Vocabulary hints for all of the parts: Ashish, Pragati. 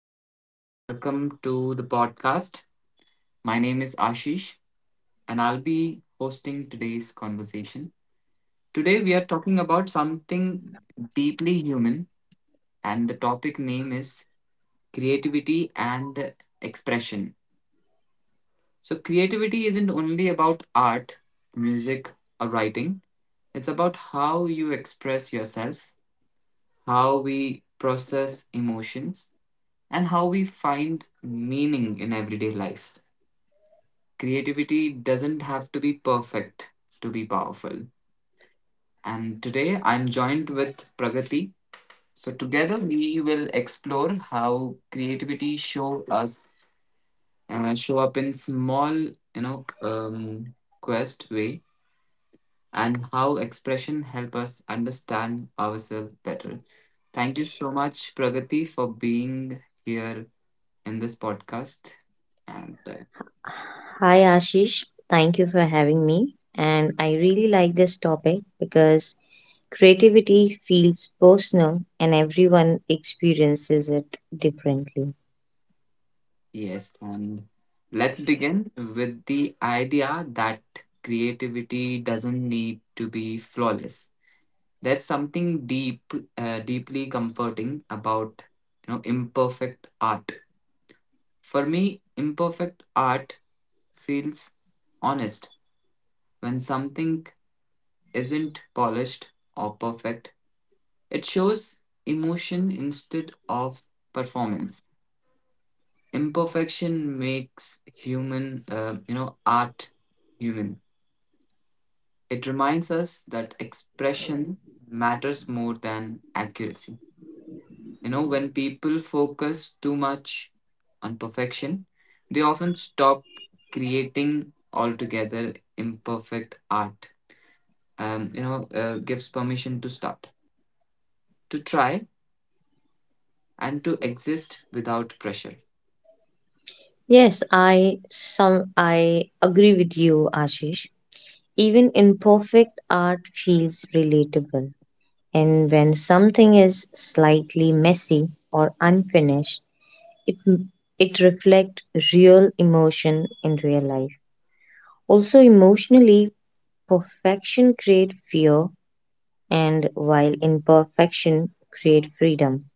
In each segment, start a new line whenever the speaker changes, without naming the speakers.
and welcome to the podcast. My name is Ashish, and I'll be hosting today's conversation. Today, we are talking about something deeply human, and the topic name is creativity and expression. So, creativity isn't only about art, music, or writing, it's about how you express yourself, how we process emotions, and how we find meaning in everyday life. Creativity doesn't have to be perfect to be powerful. And today I'm joined with Pragati. So together we will explore how creativity show up in small, quest way, and how expression help us understand ourselves better. Thank you so much, Pragati, for being here in this podcast. And
Hi Ashish, thank you for having me. And I really like this topic because creativity feels personal and everyone experiences it differently.
Yes, and let's begin with the idea that creativity doesn't need to be flawless. There's something deeply comforting about imperfect art. For me, imperfect art feels honest. When something isn't polished or perfect, it shows emotion instead of performance. Imperfection makes human you know art human. It reminds us that expression matters more than accuracy. You know, when people focus too much on perfection, they often stop creating altogether. Imperfect art, gives permission to start, to try, and to exist without pressure.
Yes, I agree with you, Ashish. Even imperfect art feels relatable. And when something is slightly messy or unfinished, it it reflects real emotion in real life. Also, emotionally, perfection creates fear, and while imperfection creates freedom.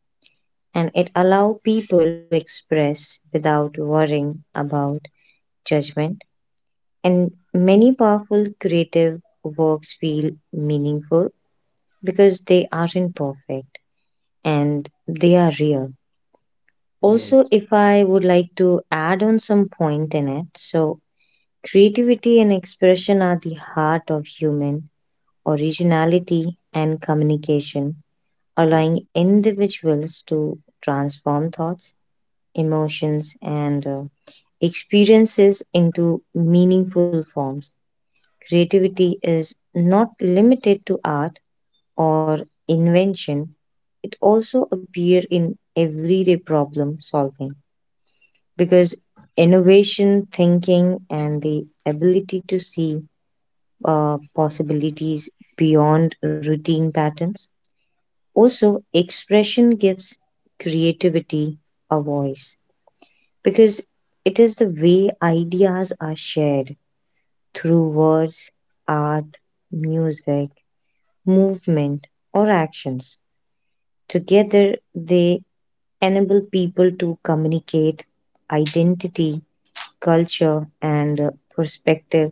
And it allows people to express without worrying about judgment. And many powerful creative works feel meaningful because they aren't perfect and they are real. Also,
Yes.
if I would like to add on some point in it, so creativity and expression are the heart of human originality and communication
Yes.
allowing individuals to transform thoughts, emotions, and experiences into meaningful forms. Creativity is not limited to art or invention, it also appears in everyday problem solving because innovation thinking and the ability to see possibilities beyond routine patterns, also, expression gives creativity a voice because it is the way ideas are shared through words, art, music, movement, or actions. Together, they enable people to communicate identity, culture, and perspective,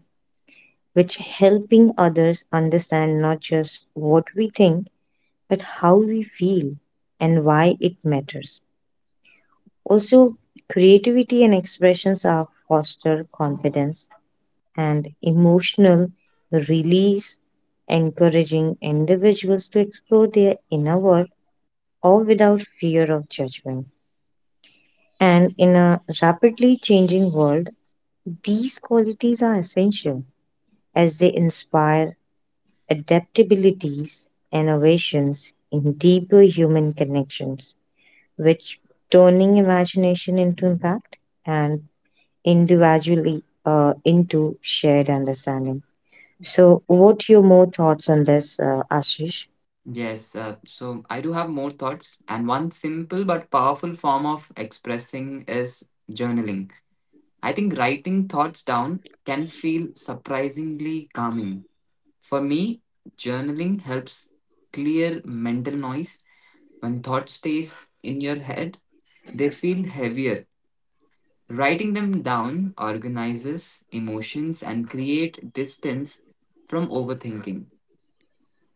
which helping others understand not just what we think, but how we feel and why it matters. Also, creativity and expressions are foster confidence and emotional release, encouraging individuals to explore their inner world all without fear of judgment. And in a rapidly changing world, these qualities are essential as they inspire adaptabilities, innovations, and deeper human connections, which turning imagination into impact and individually into shared understanding. So, what your more thoughts on this, Ashish?
Yes, so I do have more thoughts, and one simple but powerful form of expressing is journaling. I think writing thoughts down can feel surprisingly calming. For me, journaling helps clear mental noise. When thought stays in your head, they feel heavier. Writing them down organizes emotions and create distance from overthinking.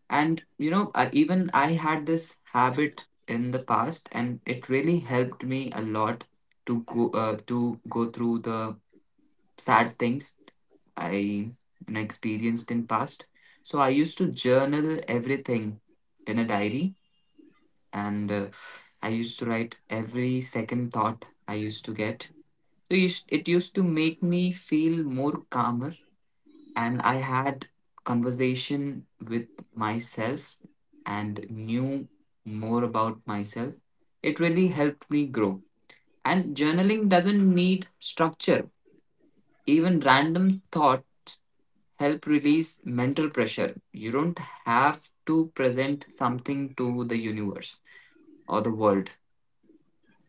Even I had this habit in the past, and it really helped me a lot to go through the sad things I experienced in past. So I used to journal everything in a diary, and I used to write every second thought I used to get. So it used to make me feel more calmer, and I had conversation with myself and knew more about myself. It really helped me grow. And journaling doesn't need structure. Even random thoughts help release mental pressure. You don't have to present something to the universe or the world.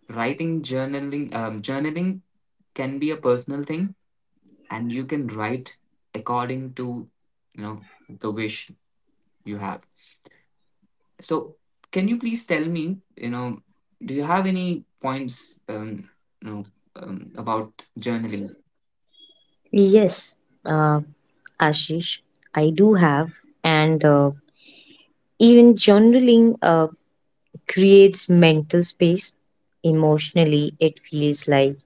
Writing journaling journaling can be a personal thing, and you can write according to, you know the wish you have. So, can you please tell me, do you have any points, you know, about journaling?
Yes, uh, Ashish, I do have, and even journaling creates mental space. Emotionally, it feels like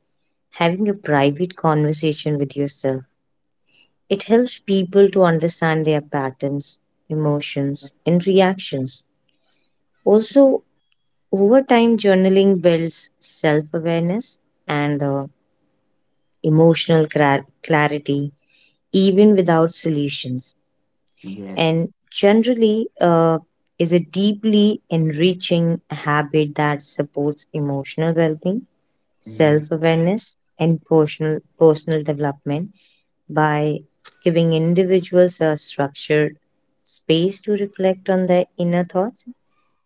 having a private conversation with yourself. It helps people to understand their patterns, emotions, and reactions. Also, over time, journaling builds self awareness and emotional clarity, even without solutions,
Yes.
and generally is a deeply enriching habit that supports emotional well being,
Mhm.
self awareness, and personal development by giving individuals a structured space to reflect on their inner thoughts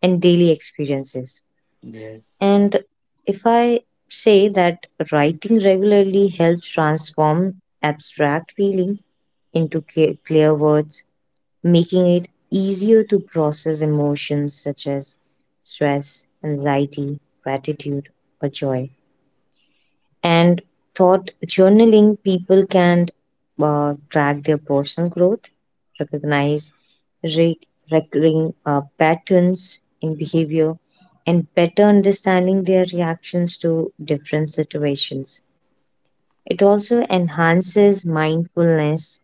and daily experiences.
Yes.
And if I say that writing regularly helps transform abstract feeling into clear words, making it easier to process emotions such as stress, anxiety, gratitude, or joy and thought journaling people can track their personal growth, recognize re- recurring patterns in behavior, and better understanding their reactions to different situations. It also enhances mindfulness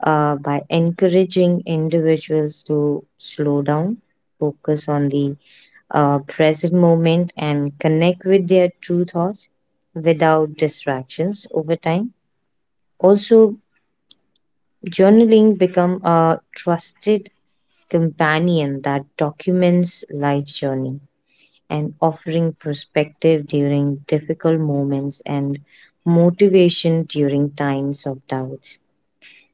by encouraging individuals to slow down, focus on the present moment, and connect with their true thoughts without distractions over time. Also, journaling become a trusted companion that documents life journey and offering perspective during difficult moments and motivation during times of doubts.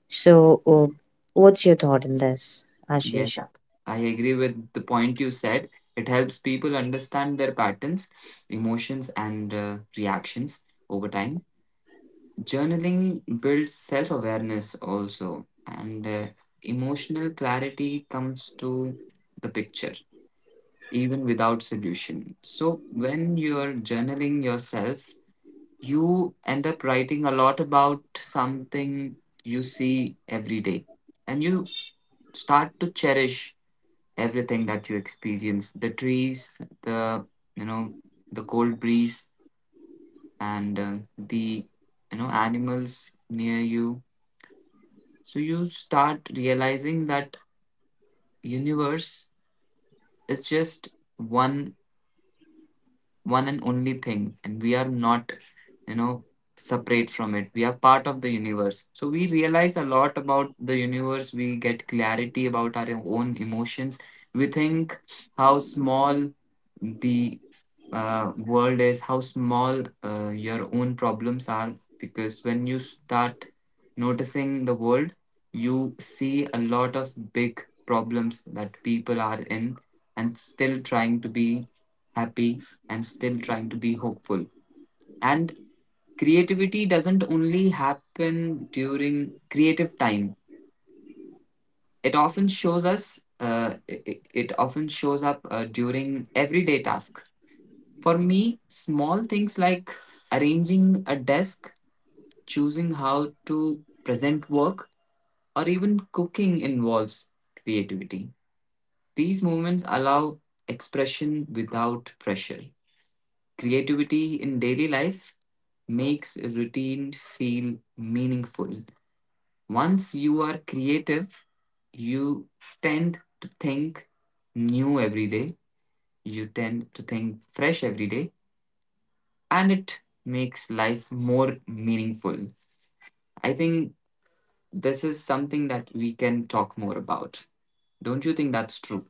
So, what's your thought in this,
Yes.
Ashish?
I agree with the point you said. It helps people understand their patterns, emotions, and reactions over time. Journaling builds self awareness also, and emotional clarity comes to the picture. Even without solution. So when you're journaling yourself, you end up writing a lot about something you see every day. And you start to cherish everything that you experience, the trees, you know, the cold breeze, and the, animals near you. So you start realizing that universe is just one and only thing, and we are not, you know separate from it. We are part of the universe, so we realize a lot about the universe. We get clarity about our own emotions. We think how small the world is, how small your own problems are. Because when you start noticing the world, you see a lot of big problems that people are in and still trying to be happy and still trying to be hopeful. And creativity doesn't only happen during creative time. It often shows us it, it often shows up during everyday task. For me, small things like arranging a desk, choosing how to present work, or even cooking involves creativity. These movements allow expression without pressure. Creativity in daily life makes routine feel meaningful. Once you are creative, you tend to think new every day, you tend to think fresh every day, and it makes life more meaningful. I think this is something that we can talk more about. Don't you think that's true?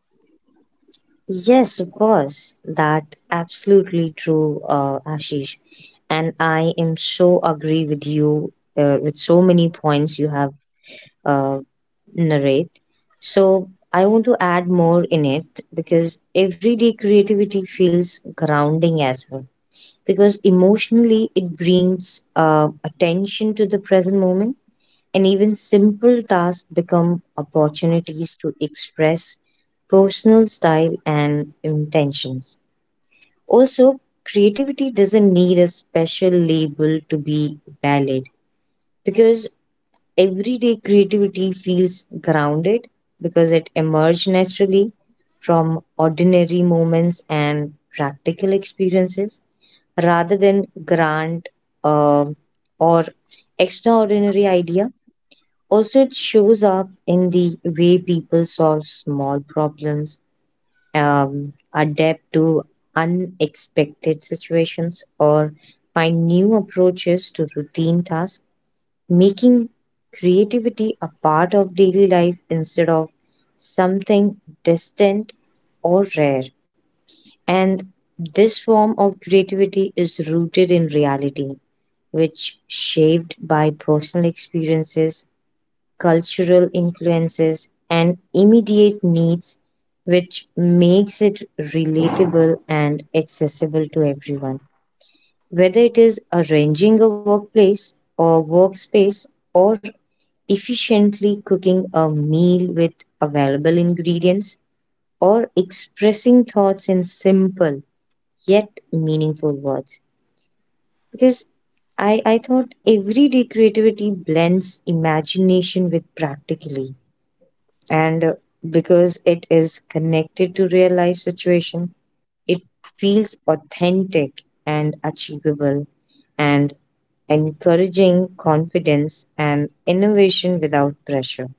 Yes, of course. That absolutely true, Ashish. And I am so agree with you with so many points you have uh, narrate. So I want to add more in it because everyday creativity feels grounding as well. Because emotionally, it brings attention to the present moment and even simple tasks become opportunities to express personal style and intentions. Also, creativity doesn't need a special label to be valid because everyday creativity feels grounded because it emerges naturally from ordinary moments and practical experiences rather than grand uh, or extraordinary idea, also, it shows up in the way people solve small problems, adapt to unexpected situations, or find new approaches to routine tasks, making creativity a part of daily life instead of something distant or rare. And this form of creativity is rooted in reality, which shaped by personal experiences cultural influences, and immediate needs, which makes it relatable and accessible to everyone. Whether it is arranging a workplace or workspace, or efficiently cooking a meal with available ingredients, or expressing thoughts in simple yet meaningful words. Because I thought everyday creativity blends imagination with practically and because it is connected to real life situation it feels authentic and achievable and encouraging confidence and innovation without pressure.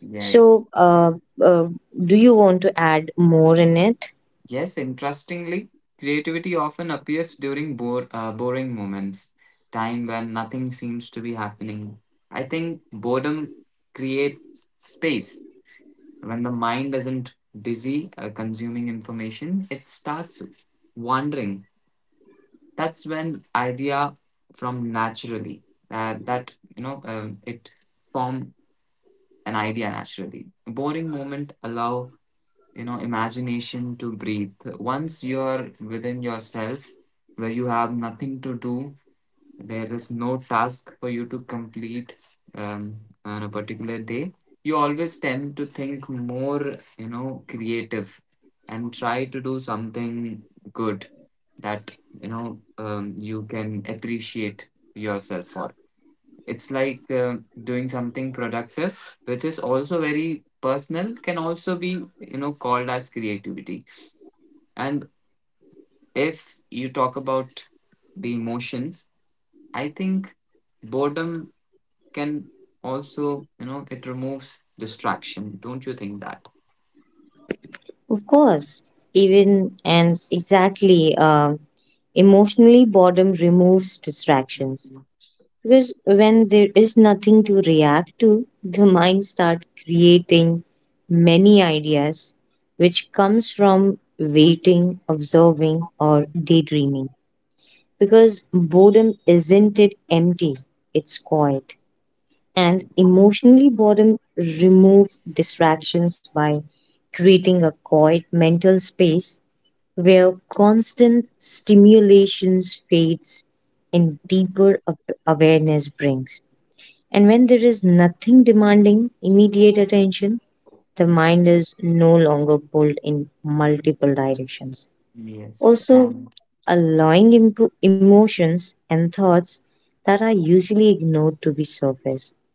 Yes.
So uh, do you want to add more in it?
Yes, interestingly, creativity often appears during boring moments, time when nothing seems to be happening. I think boredom creates space. When the mind isn't busy consuming information, it starts wandering. That's when idea from naturally that you know it form an idea naturally. Boring moment allow, imagination to breathe. Once you're within yourself, where you have nothing to do, there is no task for you to complete um, on a particular day, you always tend to think more, creative, and try to do something good that, you can appreciate yourself for. It's like doing something productive which is also very personal can also be, called as creativity. And if you talk about the emotions, I think boredom can also, it removes distraction. Don't you think that?
Of course, even and exactly, emotionally boredom removes distractions. Because when there is nothing to react to, the mind starts creating many ideas, which comes from waiting, observing, or daydreaming. Because boredom isn't it empty, it's quiet. And emotionally, boredom remove distractions by creating a quiet mental space where constant stimulations fades and deeper awareness brings. And when there is nothing demanding immediate attention, the mind is no longer pulled in multiple directions.
Yes,
Also,
and
allowing emotions and thoughts that are usually ignored to be surfaced.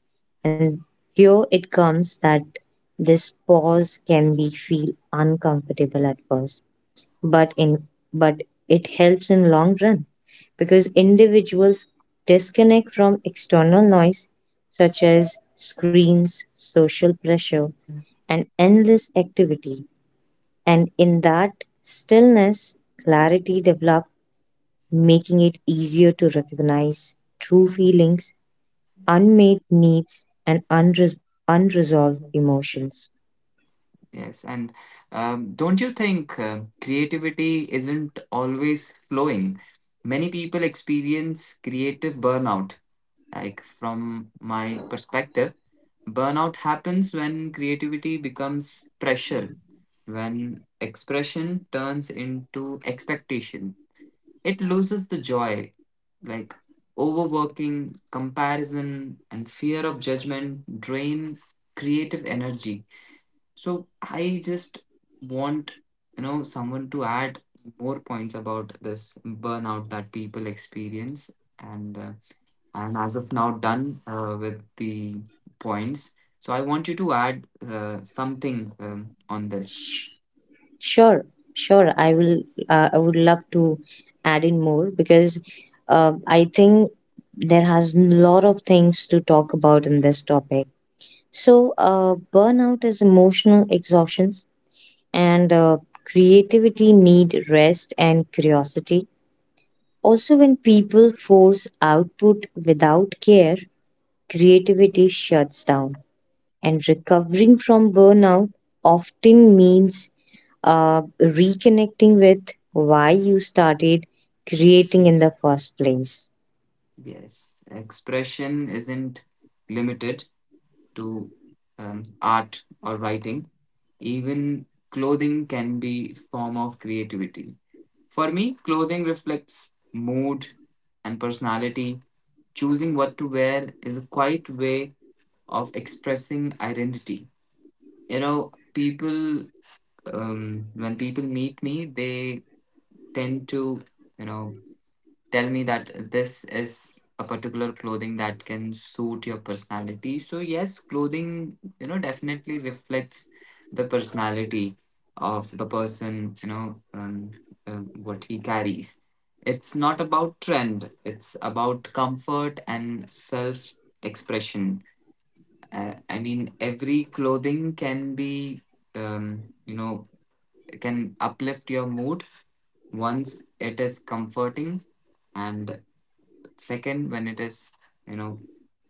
And here it comes that this pause can be feel uncomfortable at first but in but it helps in long run because individuals disconnect from external noise such as screens social pressure and endless activity and in that stillness clarity develops, making it easier to recognize true feelings unmet needs and unresolved emotions.
Yes, and don't you think creativity isn't always flowing? Many people experience creative burnout. Like, from my perspective, burnout happens when creativity becomes pressure, when expression turns into expectation. It loses the joy. Like, overworking, comparison, and fear of judgment drain creative energy. So I just want, someone to add more points about this burnout that people experience, and I'm as of now done with the points. So I want you to add something on this.
Sure, sure. I will. I would love to add in more because I think there has a lot of things to talk about in this topic. So, burnout is emotional exhaustions, and creativity need rest and curiosity. Also, when people force output without care, creativity shuts down. And recovering from burnout often means uh, reconnecting with why you started creating in the first place.
Yes, expression isn't limited to art or writing. Even clothing can be form of creativity. For me, clothing reflects mood and personality. Choosing what to wear is a quiet way of expressing identity. You know, when people meet me, they tend to, you know, tell me that this is a particular clothing that can suit your personality. So yes, clothing, definitely reflects the personality of the person, uh, what he carries. It's not about trend, it's about comfort and self expression. I mean, every clothing can be, um, you know can uplift your mood once it is comforting. And second, when it is, you know,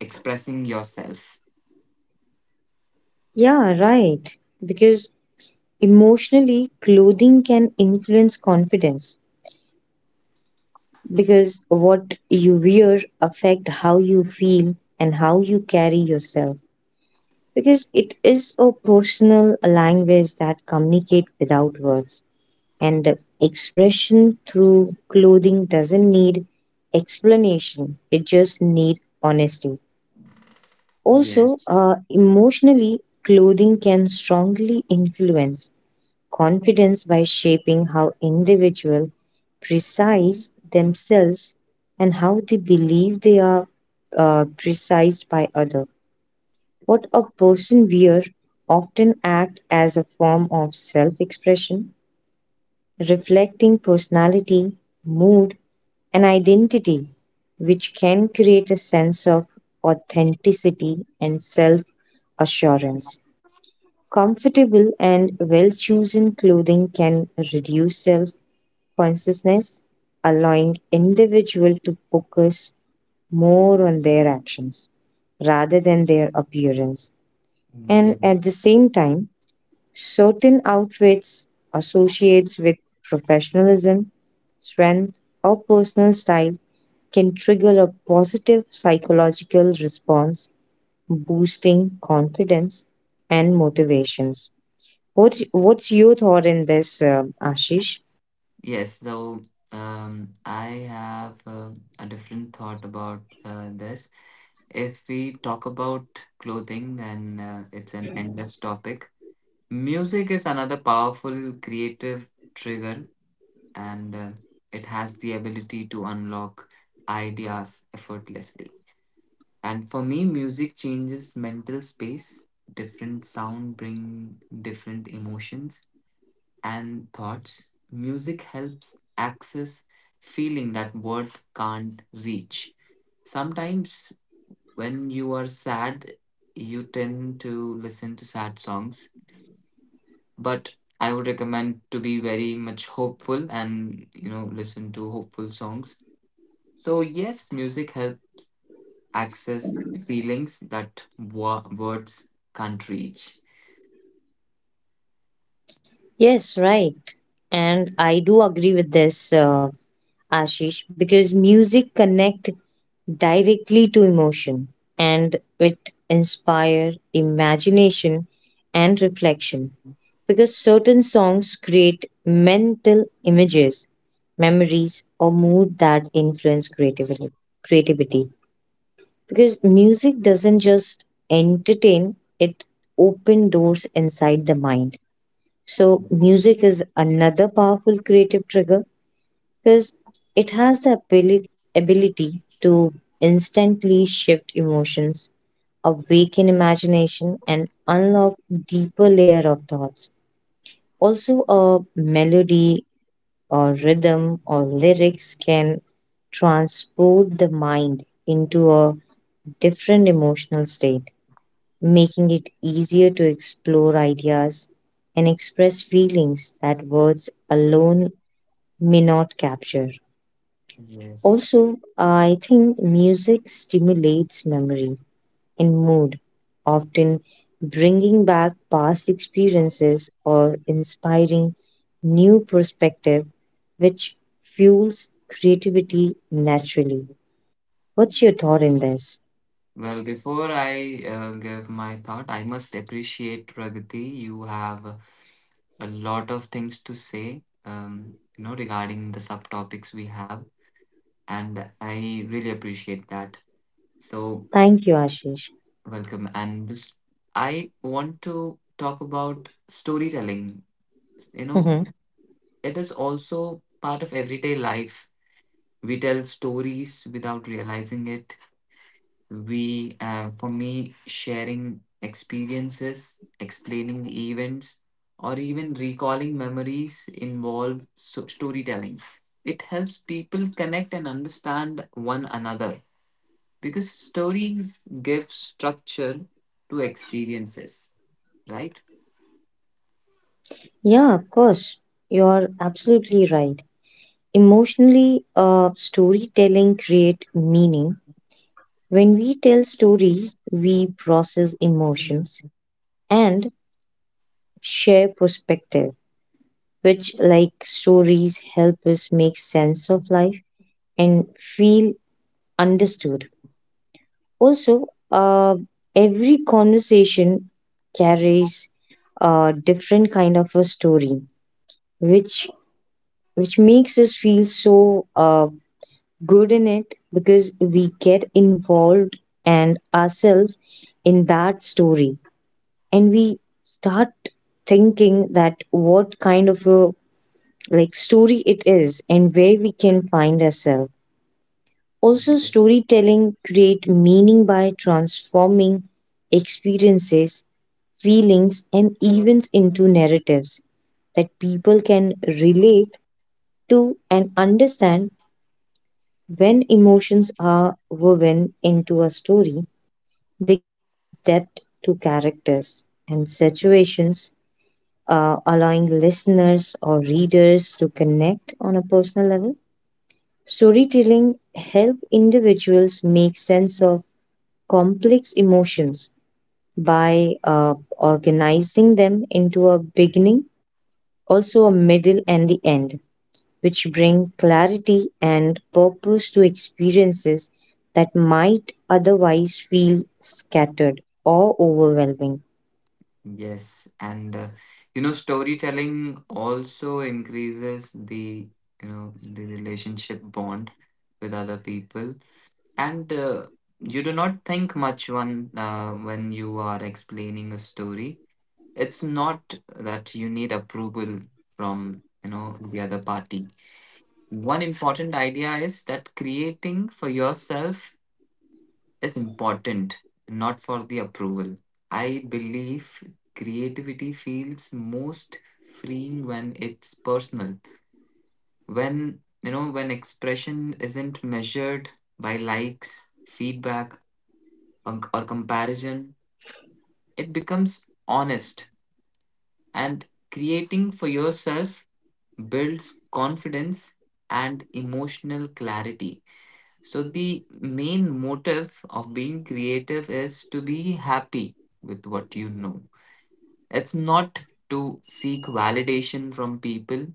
expressing yourself.
Yeah, right. Because emotionally, clothing can influence confidence. Because what you wear affect how you feel and how you carry yourself. Because it is a personal language that communicate without words. And expression through clothing doesn't need explanation, it just need honesty, also
Yes.
emotionally clothing can strongly influence confidence by shaping how individual precise themselves and how they believe they are precised by other. What a person wears often act as a form of self expression reflecting personality, mood, and identity, which can create a sense of authenticity and self assurance. Comfortable and well chosen clothing can reduce self consciousness, allowing individual to focus more on their actions rather than their appearance. And at the
Yes.
same time, certain outfits associates with professionalism, strength, or personal style can trigger a positive psychological response, boosting confidence and motivations. What's your thought in this, Ashish?
Yes. So I have a different thought about this. If we talk about clothing, then it's an endless topic. Music is another powerful creative trigger, and it has the ability to unlock ideas effortlessly. And for me, music changes mental space. Different sound bring different emotions and thoughts. Music helps access feeling that word can't reach. Sometimes when you are sad, you tend to listen to sad songs. But I would recommend to be very much hopeful and, listen to hopeful songs. So yes, music helps access feelings that words can't reach.
Yes, right. And I do agree with this. Ashish, because music connect directly to emotion and it inspire imagination and reflection. Because certain songs create mental images, memories, or mood that influence creativity. Creativity, because music doesn't just entertain; it open doors inside the mind. So,
Yes.
music is another powerful creative trigger because it has the ability to instantly shift emotions, awaken imagination, and unlock deeper layer of thoughts. Also, a melody or rhythm or lyrics can transport the mind into a different emotional state, making it easier to explore ideas and express feelings that words alone may not capture.
Yes.
Also, I think music stimulates memory and mood, often bringing back past experiences or inspiring new perspective, which fuels creativity naturally. What's your thought in this?
Well, before I give my thought, I must appreciate Pragati. You have a lot of things to say, regarding the subtopics we have, and I really appreciate that. So,
Thank you, Ashish.
welcome. I want to talk about storytelling. You know,
Mhm.
it is also part of everyday life. We tell stories without realizing it. We For me, sharing experiences, explaining events, or even recalling memories involve storytelling. It helps people connect and understand one another, because stories give structure to experiences, right?
Yeah, of course. You're absolutely right. Emotionally, storytelling create meaning. When we tell stories, we process emotions and share perspective, which, like stories, help us make sense of life and feel understood. Also, every conversation carries a different kind of a story, which which makes us feel so good in it because we get involved and ourselves in that story, and we start thinking that what kind of a like story it is and where we can find ourselves. Also,
Mhm.
storytelling create meaning by transforming experiences, feelings, and events into narratives that people can relate to and understand when emotions are woven into a story. They give depth to characters and situations, allowing listeners or readers to connect on a personal level. Storytelling help individuals make sense of complex emotions by organizing them into a beginning, also a middle and the end, which bring clarity and purpose to experiences that might otherwise feel scattered or overwhelming.
Yes, and you know, storytelling also increases the, the relationship bond with other people, and you do not think much when you are explaining a story. It's not that you need approval from, the other party. One important idea is that creating for yourself is important, not for the approval. I believe creativity feels most freeing when it's personal. When expression isn't measured by likes, feedback, or comparison, it becomes honest. And creating for yourself builds confidence and emotional clarity. So the main motive of being creative is to be happy with what you know. It's not to seek validation from people.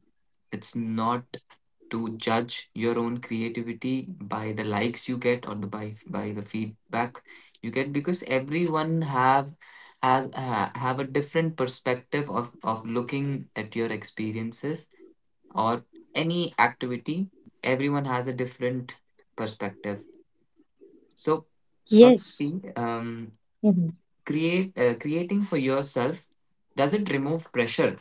It's not to judge your own creativity by the likes you get or the by the feedback you get, because everyone have a different perspective of looking at your experiences or any activity. Everyone has a different perspective. So
Yes,
probably,
mhm,
create creating for yourself, does it remove pressure?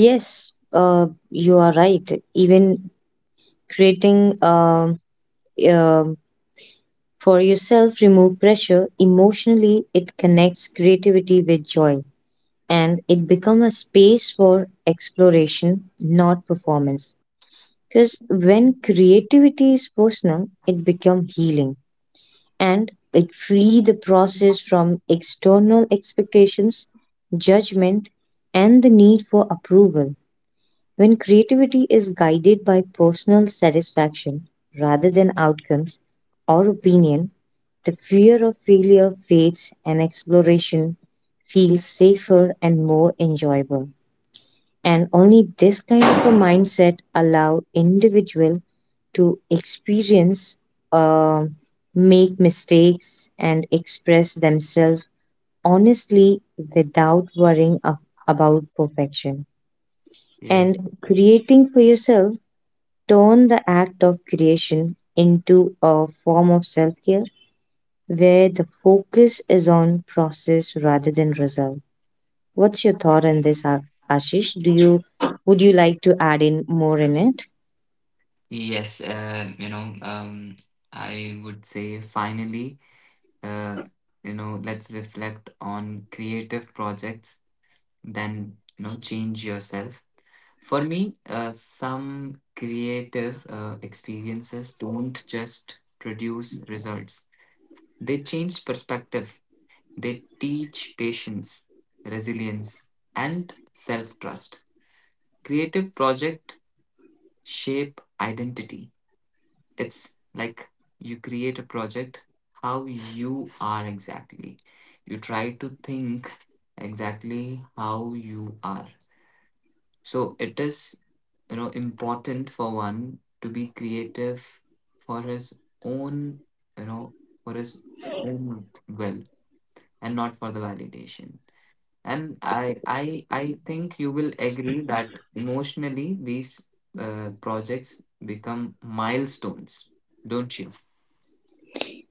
yes, you are right. Even creating um for yourself, remove pressure. Emotionally, it connects creativity with joy and it becomes a space for exploration, not performance. Because when creativity is personal, it becomes healing and it free the process from external expectations, judgment, and the need for approval. When creativity is guided by personal satisfaction rather than outcomes or opinion, the fear of failure fades and exploration feels safer and more enjoyable. And only this kind of a mindset allow individual to experience, uh, make mistakes, and express themselves honestly without worrying about perfection.
Yes,
And creating for yourself turn the act of creation into a form of self-care where the focus is on process rather than result. What's your thought on this, Ashish? Do you would you like to add in more in it?
yes. I would say finally, uh, let's reflect on creative projects. Then you know, change yourself. For me, some creative experiences don't just produce results; they change perspective. They teach patience, resilience, and self trust. Creative project shape identity. It's like you create a project how you are exactly. You try to think exactly how you are. So it is, important for one to be creative for his own, you know, for his own will and not for the validation. And I think you will agree that emotionally these projects become milestones, don't you?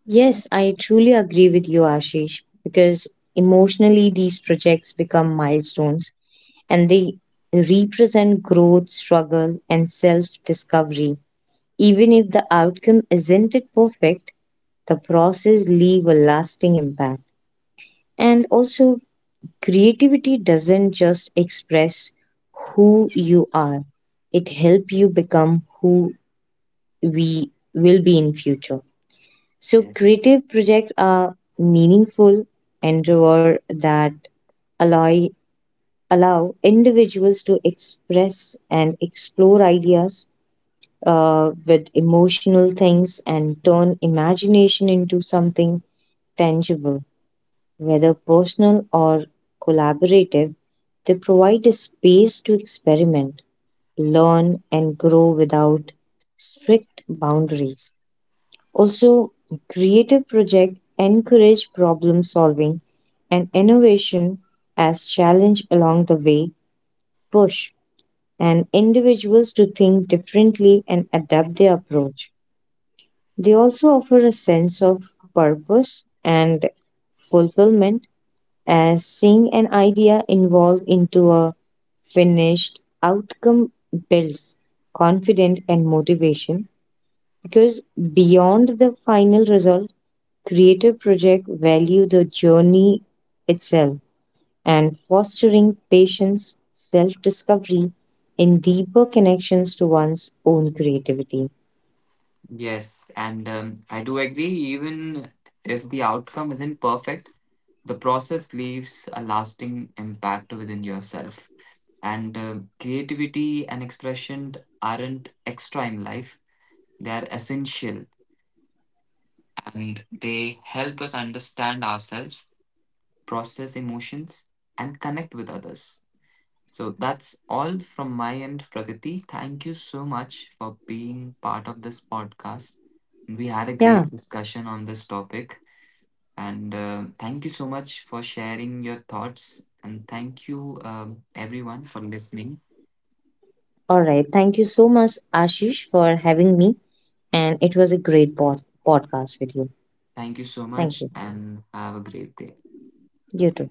Yes, I truly agree with you, Ashish, because emotionally these projects become milestones and they represent growth, struggle, and self discovery. Even if the outcome isn't it perfect, the process leave a lasting impact. And also creativity doesn't just express who you are. It help you become who we will be in future. So
Yes.
creative projects are meaningful endeavor that allow allow individuals to express and explore ideas with emotional things and turn imagination into something tangible, whether personal or collaborative. They provide a space to experiment, learn, and grow without strict boundaries. Also, creative projects encourage problem solving and innovation as challenge along the way push and individuals to think differently and adapt their approach. They also offer a sense of purpose and fulfillment, as seeing an idea evolve into a finished outcome builds confidence and motivation. Because beyond the final result, creative projects value the journey itself and fostering patience, self discovery, and deeper connections to one's own creativity.
Yes, and I do agree. Even if the outcome isn't perfect, the process leaves a lasting impact within yourself. And creativity and expression aren't extra in life; they are essential, and they help us understand ourselves, process emotions, and connect with others. So that's all from my end, Pragati. Thank you so much for being part of this podcast. We had a
Yeah,
great discussion on this topic, and thank you so much for sharing your thoughts. And thank you, everyone, for listening.
all right. Thank you so much, Ashish, for having me. And it was a great podcast with you.
Thank you so
Thank
much,
you.
and have a great day.
You too.